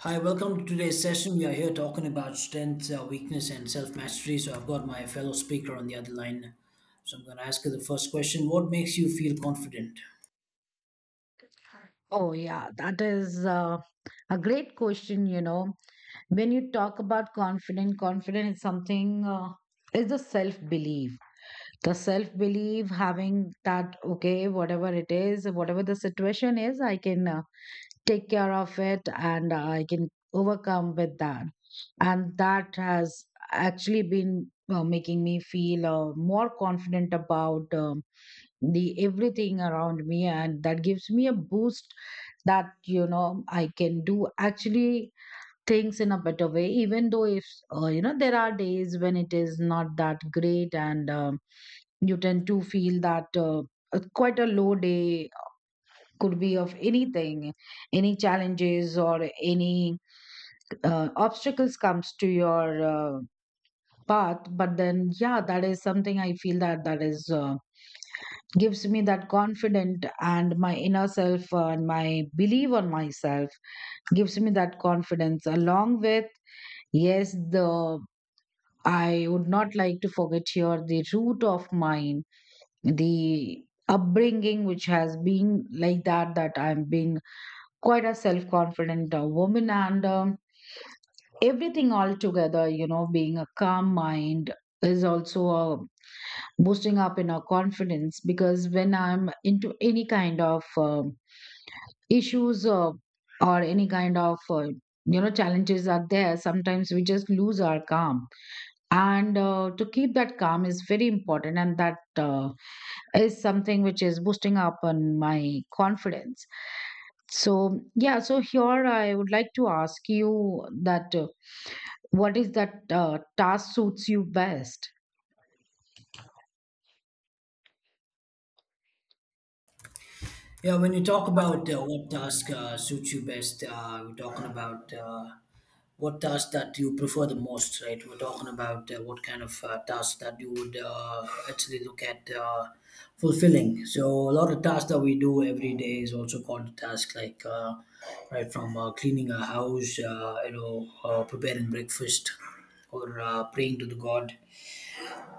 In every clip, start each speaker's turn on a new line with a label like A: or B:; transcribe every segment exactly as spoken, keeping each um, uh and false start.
A: Hi, welcome to today's session. We are here talking about strength, uh, weakness, and self mastery. So, I've got my fellow speaker on the other line. So, I'm going to ask her the first question: what makes you feel confident?
B: Oh, yeah, that is uh, a great question. You know, when you talk about confidence, confidence is something, uh, is the self belief. The self belief, having that, okay, whatever it is, whatever the situation is, I can uh, take care of it and I can overcome with that. And that has actually been uh, making me feel uh, more confident about um, the everything around me, and that gives me a boost that you know I can do actually things in a better way even though if uh, you know there are days when it is not that great, and um, you tend to feel that uh, a- quite a low day, could be of anything, any challenges or any uh, obstacles comes to your uh, path. But then yeah, that is something I feel that that is uh, gives me that confident. And my inner self uh, and my belief on myself gives me that confidence, along with yes, the I would not like to forget here the root of mine, the upbringing, which has been like that, that I'm being quite a self-confident uh, woman. And um, everything all together, you know, being a calm mind is also uh, boosting up in our confidence, because when I'm into any kind of um issues uh, or any kind of uh, you know, challenges are there, sometimes we just lose our calm, and uh, to keep that calm is very important, and that uh, is something which is boosting up on my confidence. So yeah, so here I would like to ask you that uh, what is that uh, task suits you best.
A: Yeah, when you talk about uh, what task uh, suits you best, uh, we're talking about uh, what task that you prefer the most, right? We're talking about uh, what kind of uh, task that you would uh, actually look at uh, fulfilling. So a lot of tasks that we do every day is also called tasks like uh, right from uh, cleaning a house, uh, you know, uh, preparing breakfast, or uh, praying to the God,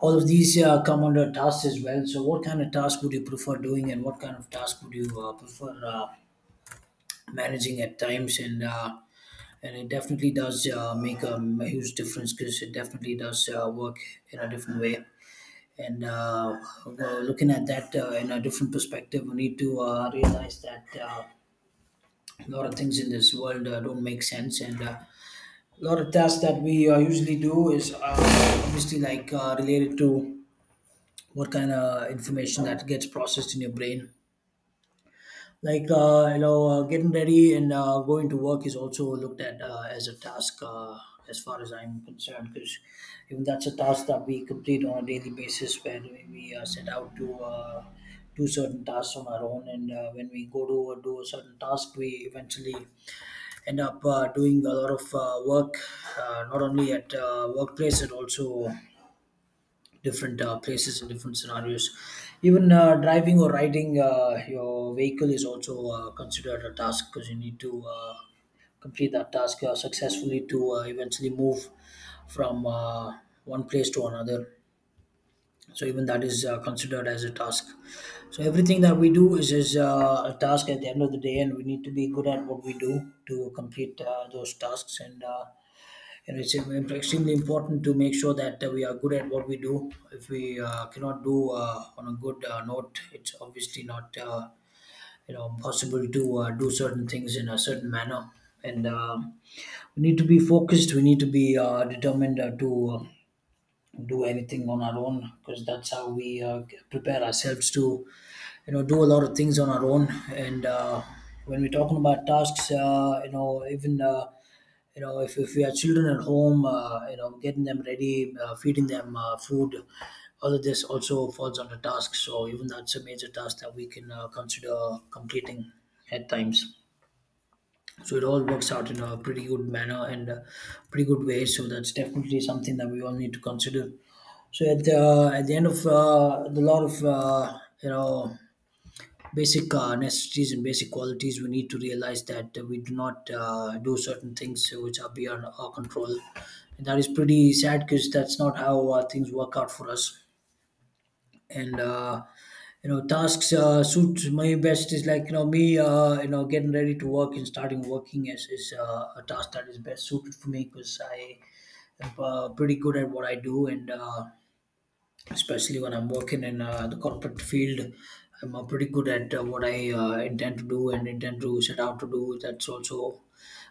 A: all of these uh, come under tasks as well. So, what kind of task would you prefer doing, and what kind of task would you uh, prefer uh, managing at times? And uh, and it definitely does uh, make a m- huge difference because it definitely does uh, work in a different way. And uh, uh, Looking at that uh, in a different perspective, we need to uh, realize that uh, a lot of things in this world uh, don't make sense, and uh, a lot of tasks that we uh, usually do is uh, obviously like uh, related to what kind of information that gets processed in your brain, like uh, you know uh, getting ready and uh, going to work is also looked at uh, as a task uh, as far as I'm concerned, because even that's a task that we complete on a daily basis, where we uh, set out to uh, do certain tasks on our own, and uh, when we go to uh, do a certain task we eventually end up uh, doing a lot of uh, work, uh, not only at uh, workplace and also different uh, places and different scenarios. Even uh, driving or riding uh, your vehicle is also uh, considered a task, because you need to uh, complete that task uh, successfully to uh, eventually move from uh, one place to another. So even that is uh, considered as a task. So everything that we do is, is uh, a task at the end of the day, and we need to be good at what we do to complete uh, those tasks and. Uh, and it's im- extremely important to make sure that uh, we are good at what we do. If we uh, cannot do uh, on a good uh, note, it's obviously not uh, you know possible to uh, do certain things in a certain manner. And um We need to be focused. We need to be uh, determined uh, to uh, do anything on our own, because that's how we uh, prepare ourselves to you know do a lot of things on our own. And uh, When we're talking about tasks, uh, you know even uh, you know if, if we have children at home, uh, you know, getting them ready, uh, feeding them uh, food, all of this also falls under task, so even that's a major task that we can uh, consider completing at times. So it all works out in a pretty good manner and uh pretty good way, so that's definitely something that we all need to consider. So at the, uh, at the end of uh, the lot of uh, you know basic uh, necessities and basic qualities, we need to realize that uh, we do not uh, do certain things which are beyond our control, and that is pretty sad, because that's not how uh, things work out for us. And uh, You know tasks uh, suit my best is like you know me uh, you know getting ready to work and starting working as is uh, a task that is best suited for me, because I am uh, pretty good at what I do, and uh, especially when I'm working in uh, the corporate field. I'm uh, pretty good at uh, what I uh, intend to do and intend to set out to do. That's also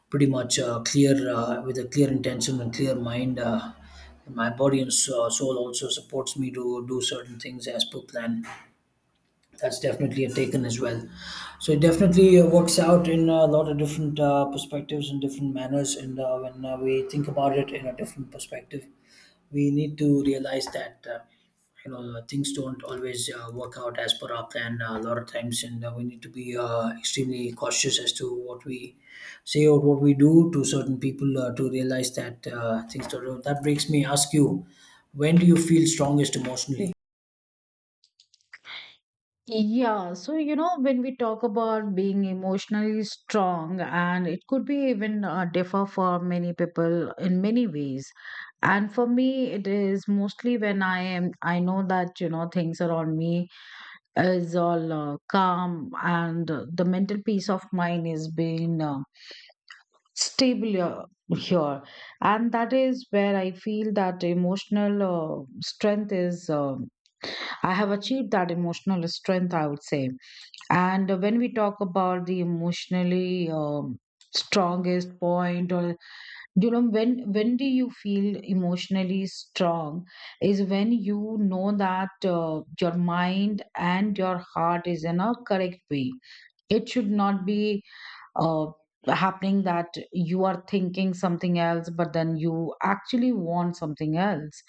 A: pretty much uh, clear uh, with a clear intention and clear mind. Uh, my body and so- soul also supports me to do certain things as per plan. That's definitely a taken as well. So it definitely uh, works out in a lot of different uh, perspectives and different manners. And uh, When uh, we think about it in a different perspective, we need to realize that uh, you know things don't always uh, work out as per our plan uh, a lot of times, and uh, we need to be uh, extremely cautious as to what we say or what we do to certain people, uh, to realize that uh, things don't. That makes me ask you, when do you feel strongest emotionally?
B: Yeah, so you know, when we talk about being emotionally strong, and it could be even uh, differ for many people in many ways. And for me, it is mostly when I am, I know that, you know, things around me is all uh, calm and uh, the mental peace of mind is being uh, stable uh, here. And that is where I feel that emotional uh, strength is, um I have achieved that emotional strength, I would say. And when we talk about the emotionally um, strongest point, or you know, when when do you feel emotionally strong? Is when you know that uh, your mind and your heart is in a correct way. It should not be uh, happening that you are thinking something else, but then you actually want something else.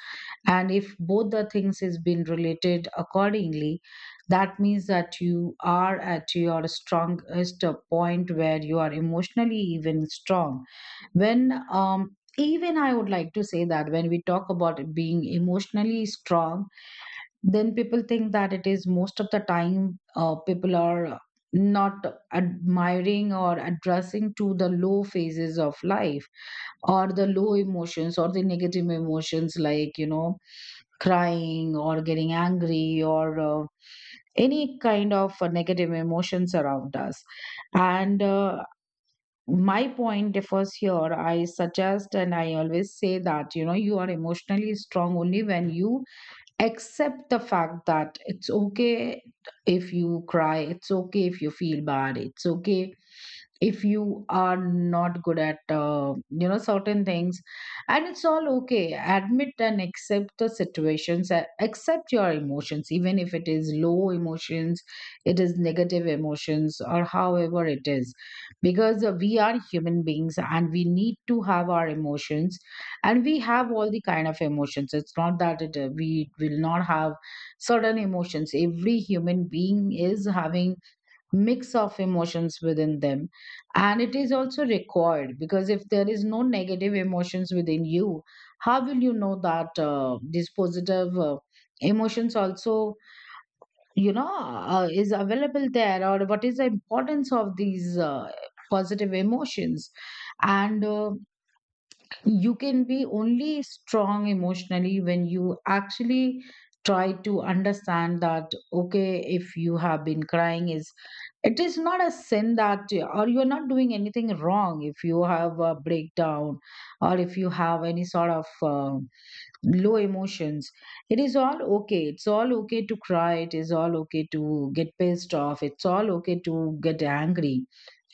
B: And if both the things is been related accordingly, that means that you are at your strongest uh, point where you are emotionally even strong when um even I would like to say that when we talk about being emotionally strong, then people think that it is most of the time uh, people are not admiring or addressing to the low phases of life or the low emotions or the negative emotions, like you know, crying or getting angry or uh, any kind of uh, negative emotions around us. And uh, my point differs here. I suggest and I always say that you know, you are emotionally strong only when you accept the fact that it's okay if you cry, it's okay if you feel bad, it's okay if you are not good at uh, you know, certain things, and it's all okay. Admit and accept the situations. A- accept your emotions even if it is low emotions, it is negative emotions, or however it is. Because uh, we are human beings and we need to have our emotions, and we have all the kind of emotions. It's not that it, uh, we will not have certain emotions. Every human being is having mix of emotions within them, and it is also required. Because if there is no negative emotions within you, how will you know that uh, these positive uh, emotions also, you know uh, is available there, or what is the importance of these uh, positive emotions. And uh, you can be only strong emotionally when you actually try to understand that okay, if you have been crying is, it is not a sin that, or you're not doing anything wrong if you have a breakdown or if you have any sort of uh, low emotions. It is all okay, it's all okay to cry, it is all okay to get pissed off, it's all okay to get angry.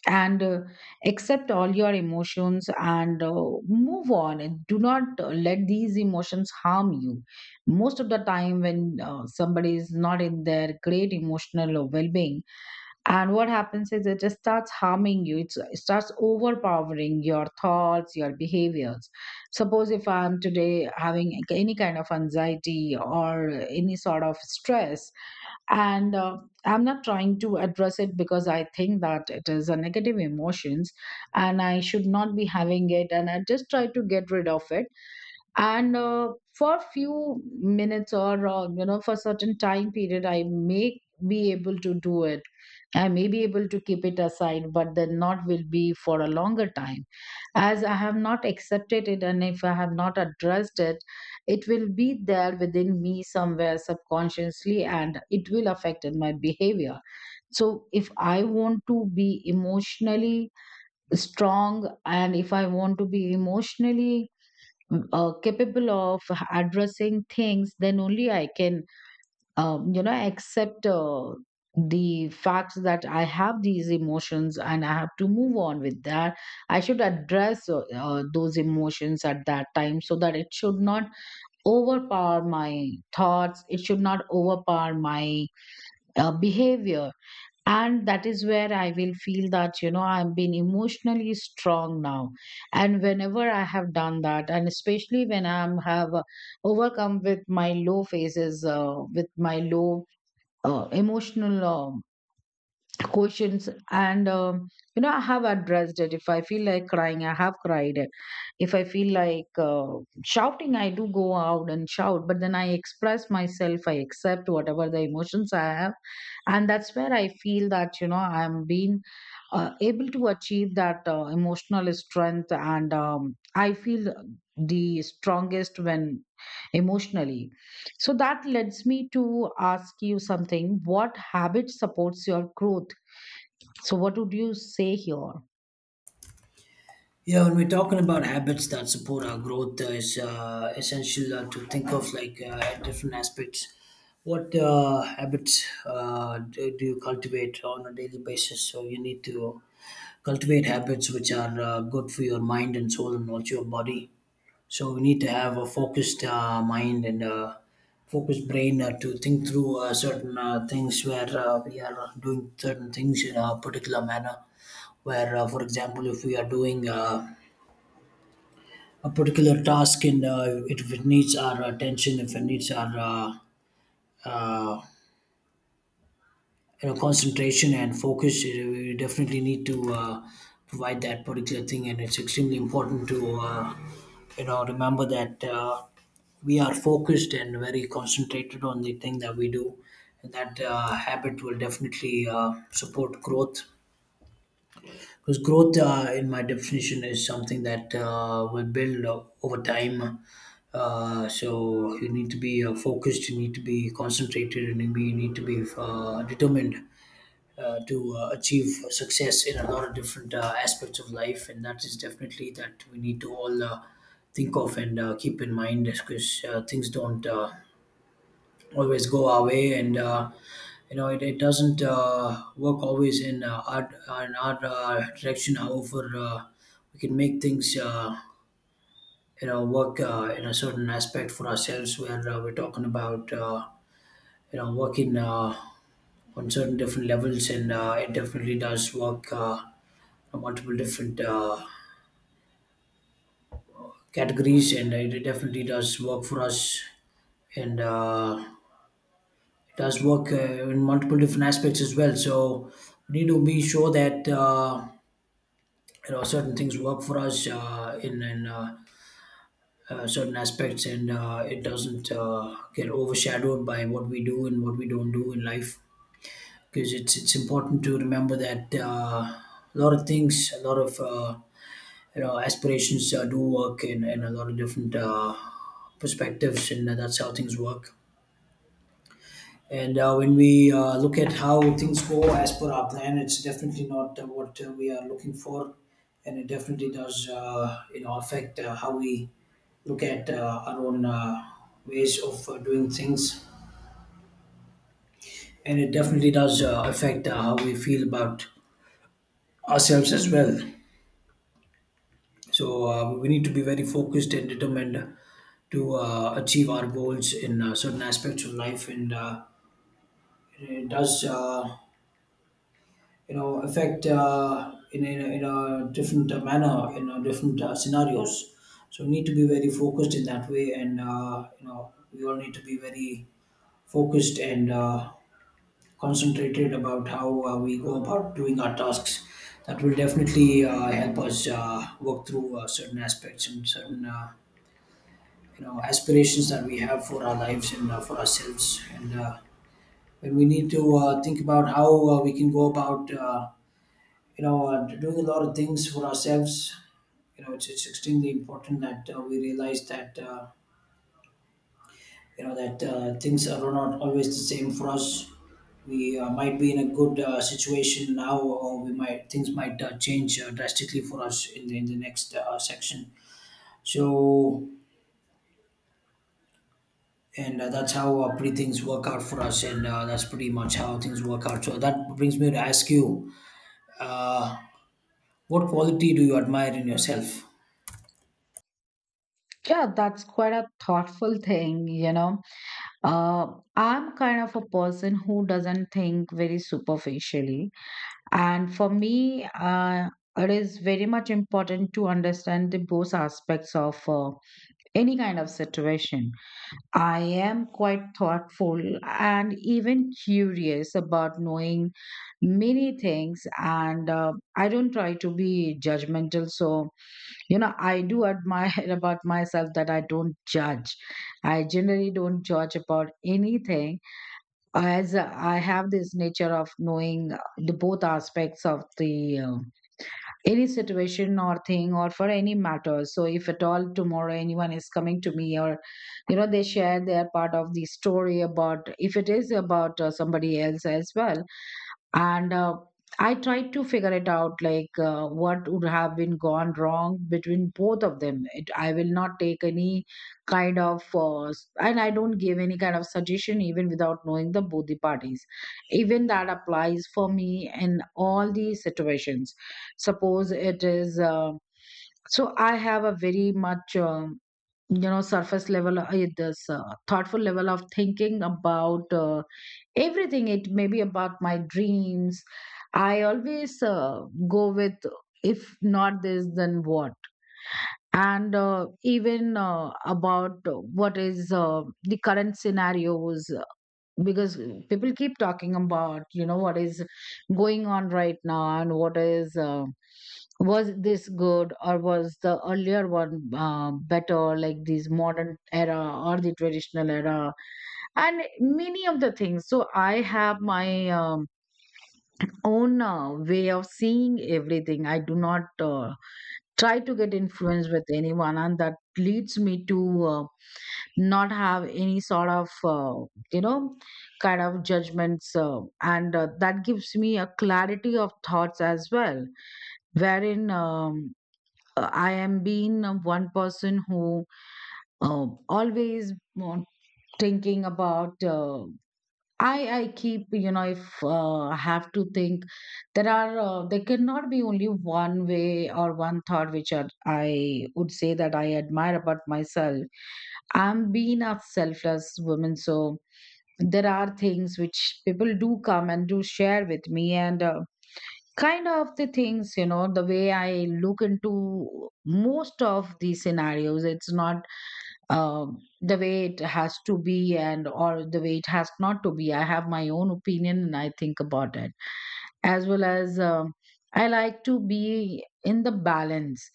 B: And uh, accept all your emotions and uh, move on, and do not uh, let these emotions harm you. Most of the time when uh, somebody is not in their great emotional or well-being, and what happens is it just starts harming you. It's, it starts overpowering your thoughts, your behaviors. Suppose if I'm today having any kind of anxiety or any sort of stress, and uh, I'm not trying to address it because I think that it is a negative emotions and I should not be having it, and I just try to get rid of it. And uh, for few minutes or uh, you know, for certain time period, I may be able to do it. I may be able to keep it aside, but the knot will be for a longer time as I have not accepted it, and if I have not addressed it, it will be there within me somewhere subconsciously, and it will affect in my behavior. So if I want to be emotionally strong, and if I want to be emotionally uh, capable of addressing things, then only I can, um, you know, accept uh, the fact that I have these emotions, and I have to move on with that. I should address uh, uh, those emotions at that time, so that it should not overpower my thoughts, it should not overpower my uh, behavior. And that is where I will feel that you know, I'm being emotionally strong now. And whenever I have done that, and especially when I'm have uh, overcome with my low phases, uh, with my low uh, emotional uh, questions, and um, you know, I have addressed it. If I feel like crying, I have cried. If I feel like uh, shouting, I do go out and shout. But then I express myself, I accept whatever the emotions I have, and that's where I feel that you know, i'm being uh, able to achieve that uh, emotional strength. And um, I feel the strongest when emotionally. So that leads me to ask you something, what habit supports your growth? So, what would you say here?
A: Yeah, when we're talking about habits that support our growth, uh, it's uh, essential uh, to think of like uh, different aspects. What uh, habits uh, do, do you cultivate on a daily basis? So you need to cultivate habits which are uh, good for your mind and soul and also your body. So we need to have a focused uh, mind and uh, focused brain uh, to think through uh, certain uh, things where uh, we are doing certain things in a particular manner. Where, uh, for example, if we are doing uh, a particular task, and uh, it, if it needs our attention, if it needs our uh, uh, you know concentration and focus, it- we definitely need to uh, provide that particular thing. And it's extremely important to uh, you know remember that uh, we are focused and very concentrated on the thing that we do. And that uh, habit will definitely uh, support growth. Because growth, uh, in my definition, is something that uh, will build uh, over time. Uh, so you need to be uh, focused, you need to be concentrated, and you be- you need to be uh, determined uh, to uh, achieve success in a lot of different uh, aspects of life. And that is definitely that we need to all uh, think of and uh, keep in mind, because uh, things don't. Uh, always go our way, and uh, you know it, it doesn't uh, work always in uh, our uh, in our uh, direction. However, uh, we can make things uh, you know work uh, in a certain aspect for ourselves, where uh, we're talking about uh, you know working uh, on certain different levels, and uh, it definitely does work uh, on multiple different uh, categories, and it definitely does work for us. And uh, It does work uh, in multiple different aspects as well. So we need to be sure that uh, you know certain things work for us uh, in, in uh, uh, certain aspects, and uh, it doesn't uh, get overshadowed by what we do and what we don't do in life. Because it's it's important to remember that uh, a lot of things, a lot of uh, you know aspirations uh, do work in, in a lot of different uh, perspectives, and that's how things work. And uh, when we uh, look at how things go as per our plan, it's definitely not uh, what uh, we are looking for, and it definitely does, uh, you know, affect uh, how we look at uh, our own uh, ways of uh, doing things, and it definitely does uh, affect uh, how we feel about ourselves as well. So uh, we need to be very focused and determined to uh, achieve our goals in uh, certain aspects of life, and uh, it does. Uh, you know affect uh, in, in, a, in a different manner in a different uh, scenarios. So we need to be very focused in that way, and uh, you know we all need to be very focused and uh, concentrated about how uh, we go about doing our tasks. That will definitely uh, help us uh, work through uh, certain aspects and certain uh, you know aspirations that we have for our lives and uh, for ourselves, and uh, and we need to uh, think about how uh, we can go about uh, you know, uh, doing a lot of things for ourselves. You know, it's, it's extremely important that uh, we realize that, uh, you know, that uh, things are not always the same for us. We uh, might be in a good uh, situation now, or we might things might uh, change uh, drastically for us in the, in the next uh, section. So, and uh, that's how uh, pretty things work out for us, and uh, that's pretty much how things work out. So that brings me to ask you, uh, what quality do you admire in yourself?
B: Yeah, that's quite a thoughtful thing, you know. Uh, I'm kind of a person who doesn't think very superficially. And for me, uh, it is very much important to understand the both aspects of uh, any kind of situation. I am quite thoughtful and even curious about knowing many things, and uh, I don't try to be judgmental. So, you know, I do admire about myself that I don't judge. I generally don't judge about anything, as I have this nature of knowing the both aspects of the uh, any situation or thing or for any matter. So if at all tomorrow anyone is coming to me, or you know, they share their part of the story about, if it is about uh, somebody else as well, and uh, I tried to figure it out like uh, what would have been gone wrong between both of them, it, I will not take any kind of uh, s- and I don't give any kind of suggestion even without knowing the both the parties. Even that applies for me in all the situations. Suppose it is uh, so I have a very much um, you know, surface level uh, this uh, thoughtful level of thinking about uh, everything. It may be about my dreams, I always uh, go with, if not this then what. And uh, even uh, about what is uh, the current scenarios, because people keep talking about you know, what is going on right now, and what is uh, was this good or was the earlier one uh, better, like this modern era or the traditional era, and many of the things. So I have my um, own uh, way of seeing everything. I do not uh, try to get influenced with anyone, and that leads me to uh, not have any sort of uh, you know kind of judgments, uh, and uh, that gives me a clarity of thoughts as well, wherein um, uh, I am being uh, one person who uh, always uh, thinking about uh, I I keep, you know, if uh, I have to think, there are uh, there cannot be only one way or one thought, which are, I would say that I admire about myself. I'm being a selfless woman, so there are things which people do come and do share with me, and uh, kind of the things, you know, the way I look into most of these scenarios. It's not um, the way it has to be and or the way it has not to be. I have my own opinion and I think about it as well as um, I like to be in the balance.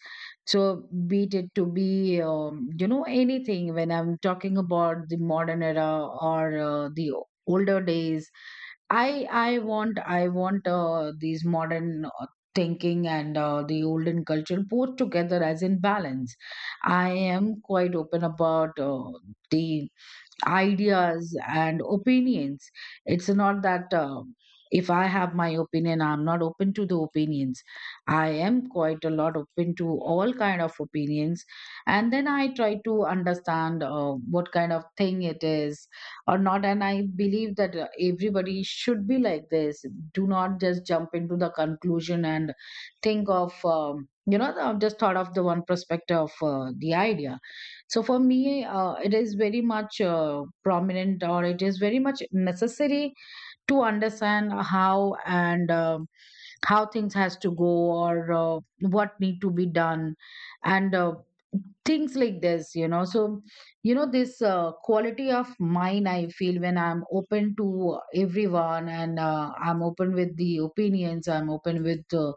B: So be it to be um, you know anything when I'm talking about the modern era or uh, the older days. I I want I want uh, these modern uh, thinking and uh, the olden culture both together as in balance. I am quite open about uh, the ideas and opinions. It's not that uh, if I have my opinion, I'm not open to the opinions. I am quite a lot open to all kind of opinions, and then I try to understand uh, what kind of thing it is or not. And I believe that uh, everybody should be like this. Do not just jump into the conclusion and think of. Um, you know, I've just thought of the one perspective of uh, the idea. So for me, uh, it is very much uh, prominent, or it is very much necessary to understand how and um how things has to go, or uh, what need to be done, and uh, things like this. You know, so you know this uh, quality of mine. I feel when I'm open to everyone, and uh, I'm open with the opinions. I'm open with uh,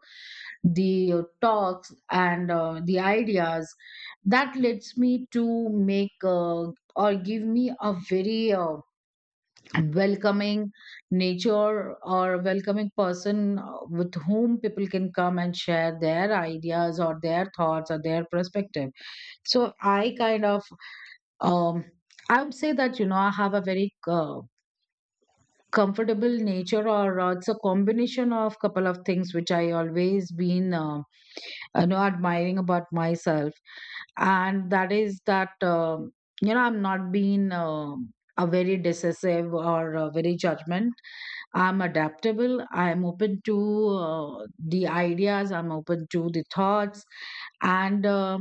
B: the talks and uh, the ideas that lets me to make uh, or give me a very uh, welcoming nature or welcoming person uh, with whom people can come and share their ideas or their thoughts or their perspective. So I kind of um, I would say that you know I have a very uh, comfortable nature or uh, it's a combination of couple of things which I always been um, you know admiring about myself, and that is that um, you know I'm not being um a very decisive or uh, very judgment. I'm adaptable. I'm open to uh, the ideas. I'm open to the thoughts and uh,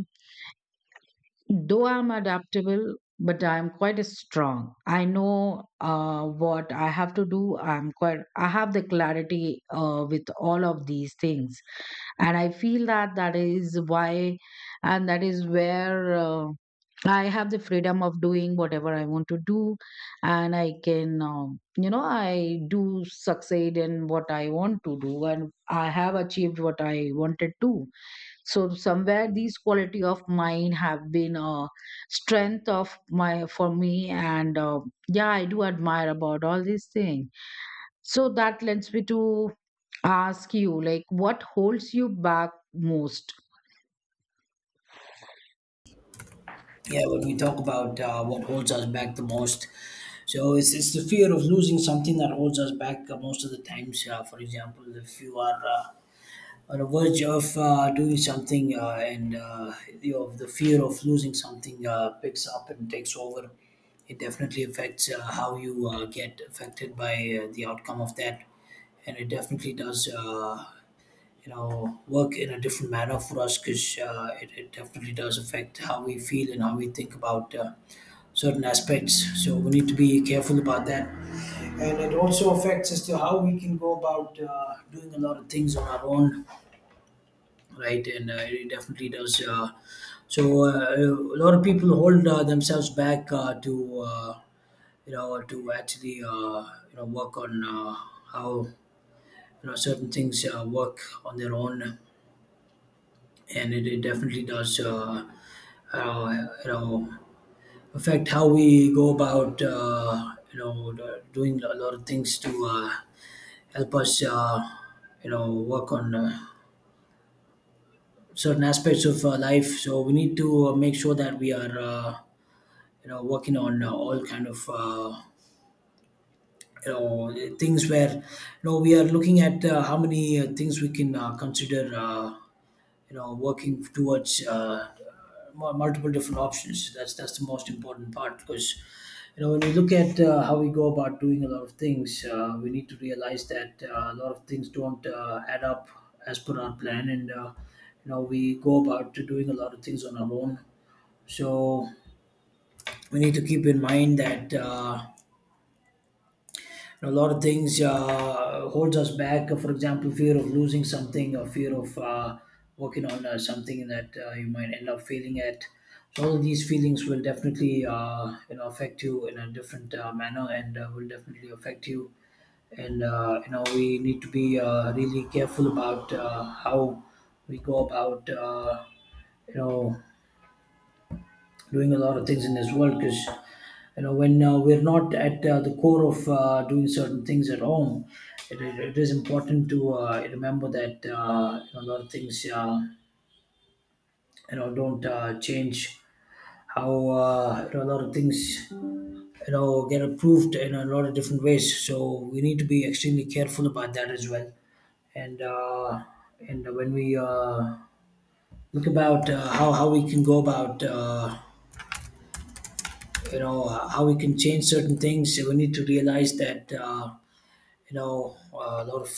B: though I'm adaptable, but I'm quite strong. I know uh, what I have to do. I'm quite. I have the clarity uh, with all of these things, and I feel that that is why, and that is where. Uh, I have the freedom of doing whatever I want to do, and I can, um, you know, I do succeed in what I want to do, and I have achieved what I wanted to. So somewhere these quality of mine have been a strength of my for me, and uh, yeah, I do admire about all these things. So that lends me to ask you, like, what holds you back most.
A: Yeah, when we talk about uh, what holds us back the most, so it's, it's the fear of losing something that holds us back uh, most of the times. Uh, for example, if you are uh, on the verge of uh, doing something uh, and uh, you know, the fear of losing something uh, picks up and takes over, it definitely affects uh, how you uh, get affected by uh, the outcome of that. And it definitely does Uh, you know work in a different manner for us because uh, it, it definitely does affect how we feel and how we think about uh, certain aspects, so we need to be careful about that, and it also affects as to how we can go about uh, doing a lot of things on our own, right? And uh, it definitely does. Uh, so uh, a lot of people hold uh, themselves back uh, to uh, you know to actually uh, you know work on uh, how you know certain things uh, work on their own. And it, it definitely does uh, uh, you know affect how we go about uh, you know the- doing a lot of things to uh, help us uh, you know work on uh, certain aspects of uh, life, so we need to uh, make sure that we are uh, you know working on uh, all kind of uh, you know things where you know we are looking at uh, how many uh, things we can uh, consider uh, you know working towards uh, mu- multiple different options. That's that's the most important part because you know when we look at uh, how we go about doing a lot of things, uh, we need to realize that uh, a lot of things don't uh, add up as per our plan. And uh, you know we go about to doing a lot of things on our own, so we need to keep in mind that uh, you know, a lot of things uh, holds us back. For example, fear of losing something, or fear of uh, working on uh, something that uh, you might end up failing at. So all of these feelings will definitely uh, you know affect you in a different uh, manner, and uh, will definitely affect you. And uh, you know we need to be uh, really careful about uh, how we go about uh, you know doing a lot of things in this world, because you know when uh, we're not at uh, the core of uh, doing certain things at home, it, it, it is important to uh, remember that uh, you know, a lot of things uh, you know don't uh, change how uh, you know, a lot of things you know get approved in a lot of different ways, so we need to be extremely careful about that as well. And uh, and when we uh, look about uh, how, how we can go about uh, you know uh, how we can change certain things. So we need to realize that uh, you know uh, a lot of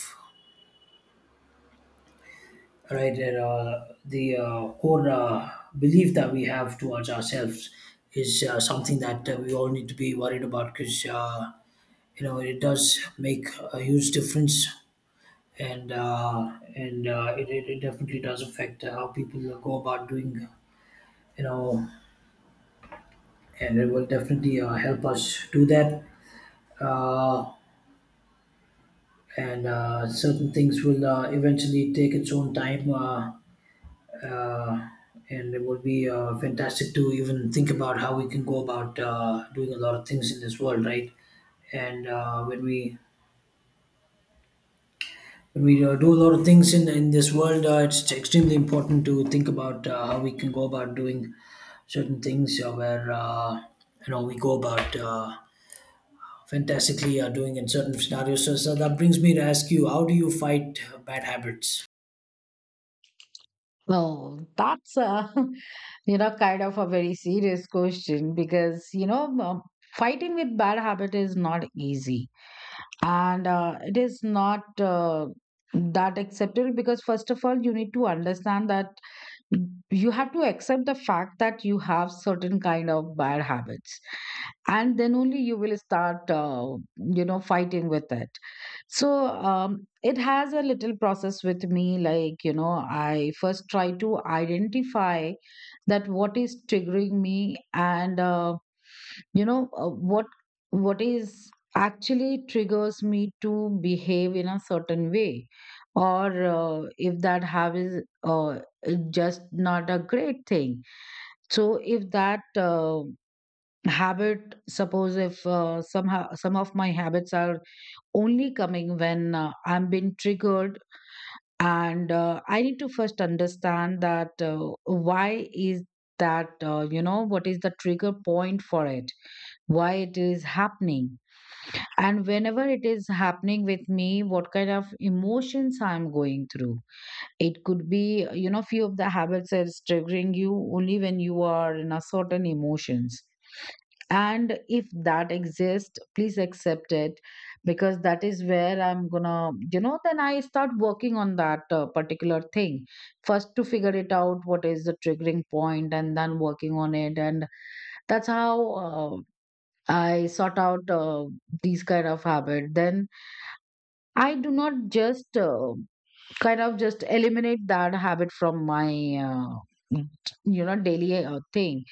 A: right that, uh, the uh, core uh, belief that we have towards ourselves is uh, something that uh, we all need to be worried about, because uh, you know it does make a huge difference. And uh, and uh, it, it, it definitely does affect how people go about doing, you know and it will definitely uh, help us do that. Uh, and uh, Certain things will uh, eventually take its own time, uh, uh, and it would be uh, fantastic to even think about how we can go about uh, doing a lot of things in this world, right? And uh, when we when we uh, do a lot of things in in this world, uh, it's extremely important to think about uh, how we can go about doing certain things uh, where uh, you know we go about uh, fantastically uh, doing in certain scenarios. So, so that brings me to ask you, how do you fight bad habits?
B: Well, that's a, you know, kind of a very serious question because, you know, um, fighting with bad habit is not easy, and uh, it is not uh, that acceptable because, first of all, you need to understand that you have to accept the fact that you have certain kind of bad habits, and then only you will start uh, you know fighting with it. So um, it has a little process with me, like, you know, I first try to identify that what is triggering me, and uh, you know uh, what what is actually triggers me to behave in a certain way, or uh, if that habit is uh, just not a great thing. So if that uh, habit, suppose if uh, somehow some of my habits are only coming when uh, I'm being triggered, and uh, I need to first understand that uh, why is that, uh, you know what is the trigger point for it, why it is happening, and whenever it is happening with me, what kind of emotions I'm going through. It could be, you know few of the habits that is triggering you only when you are in a certain emotions, and if that exists, please accept it, because that is where I'm gonna, you know then I start working on that uh, particular thing, first to figure it out what is the triggering point and then working on it. And that's how uh, I sort out uh, these kind of habit. Then I do not just uh, kind of just eliminate that habit from my uh, you know daily uh, thing,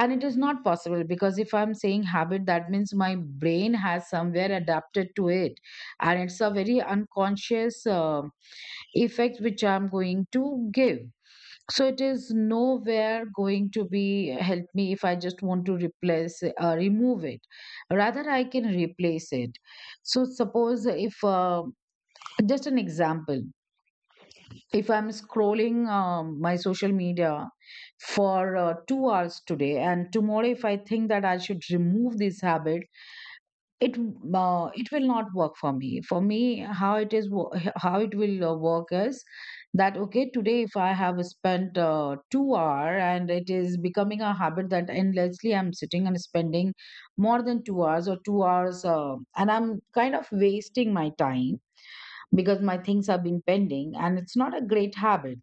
B: and it is not possible because if I'm saying habit, that means my brain has somewhere adapted to it, and it's a very unconscious uh, effect which I'm going to give. So it is nowhere going to be help me if I just want to replace uh, remove it. Rather I can replace it. So suppose if uh, just an example, if I'm scrolling um, my social media for uh, two hours today, and tomorrow if I think that I should remove this habit, it uh, it will not work for me. For me, how it is wo- how it will uh, work is that, okay, today if I have spent uh, two hour, and it is becoming a habit that endlessly I'm sitting and spending more than two hours or two hours, uh, and I'm kind of wasting my time because my things have been pending, and it's not a great habit.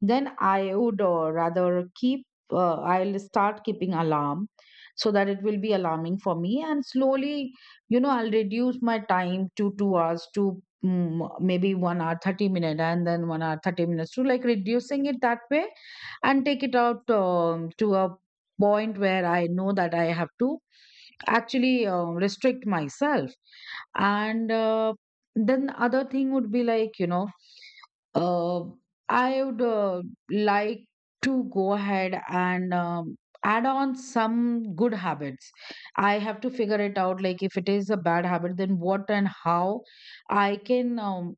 B: Then I would uh, rather keep, uh, I'll start keeping alarm so that it will be alarming for me. And slowly, you know, I'll reduce my time to two hours to mm, maybe one hour, thirty minutes, and then one hour, thirty minutes to, like, reducing it that way and take it out um, to a point where I know that I have to actually uh, restrict myself. And uh, then other thing would be like, you know, uh, I would uh, like to go ahead and um, add on some good habits. I have to figure it out. Like, if it is a bad habit, then what and how I can um,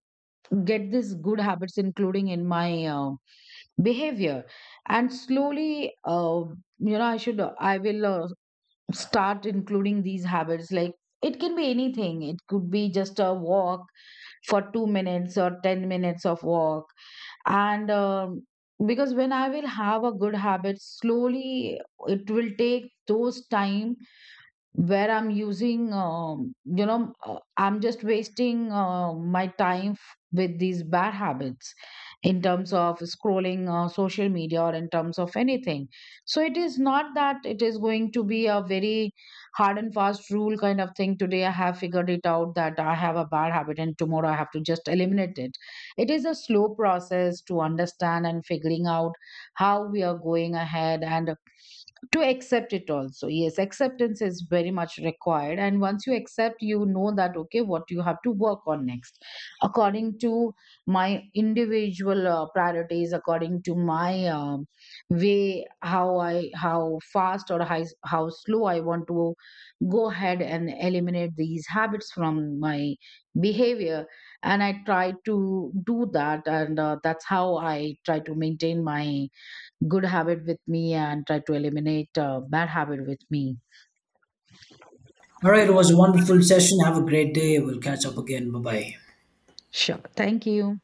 B: get these good habits, including in my uh, behavior. And slowly, uh, you know, I should, uh, I will uh, start including these habits. Like, it can be anything. It could be just a walk for two minutes or ten minutes of walk. And um, because when I will have a good habit, slowly it will take those time where I'm using, um, you know, uh, I'm just wasting uh, my time f- with these bad habits, in terms of scrolling uh, social media or in terms of anything. So it is not that it is going to be a very hard and fast rule kind of thing. Today I have figured it out that I have a bad habit and tomorrow I have to just eliminate it. It is a slow process to understand and figuring out how we are going ahead, and to accept it also. Yes, acceptance is very much required, and once you accept, you know that, okay, what you have to work on next, according to my individual uh, priorities, according to my um, way, how I how fast or how, how slow I want to go ahead and eliminate these habits from my behavior. And I try to do that, and uh, that's how I try to maintain my good habit with me and try to eliminate a bad habit with me.
A: All right, it was a wonderful session. Have a great day. We'll catch up again. Bye bye.
B: Sure. Thank you.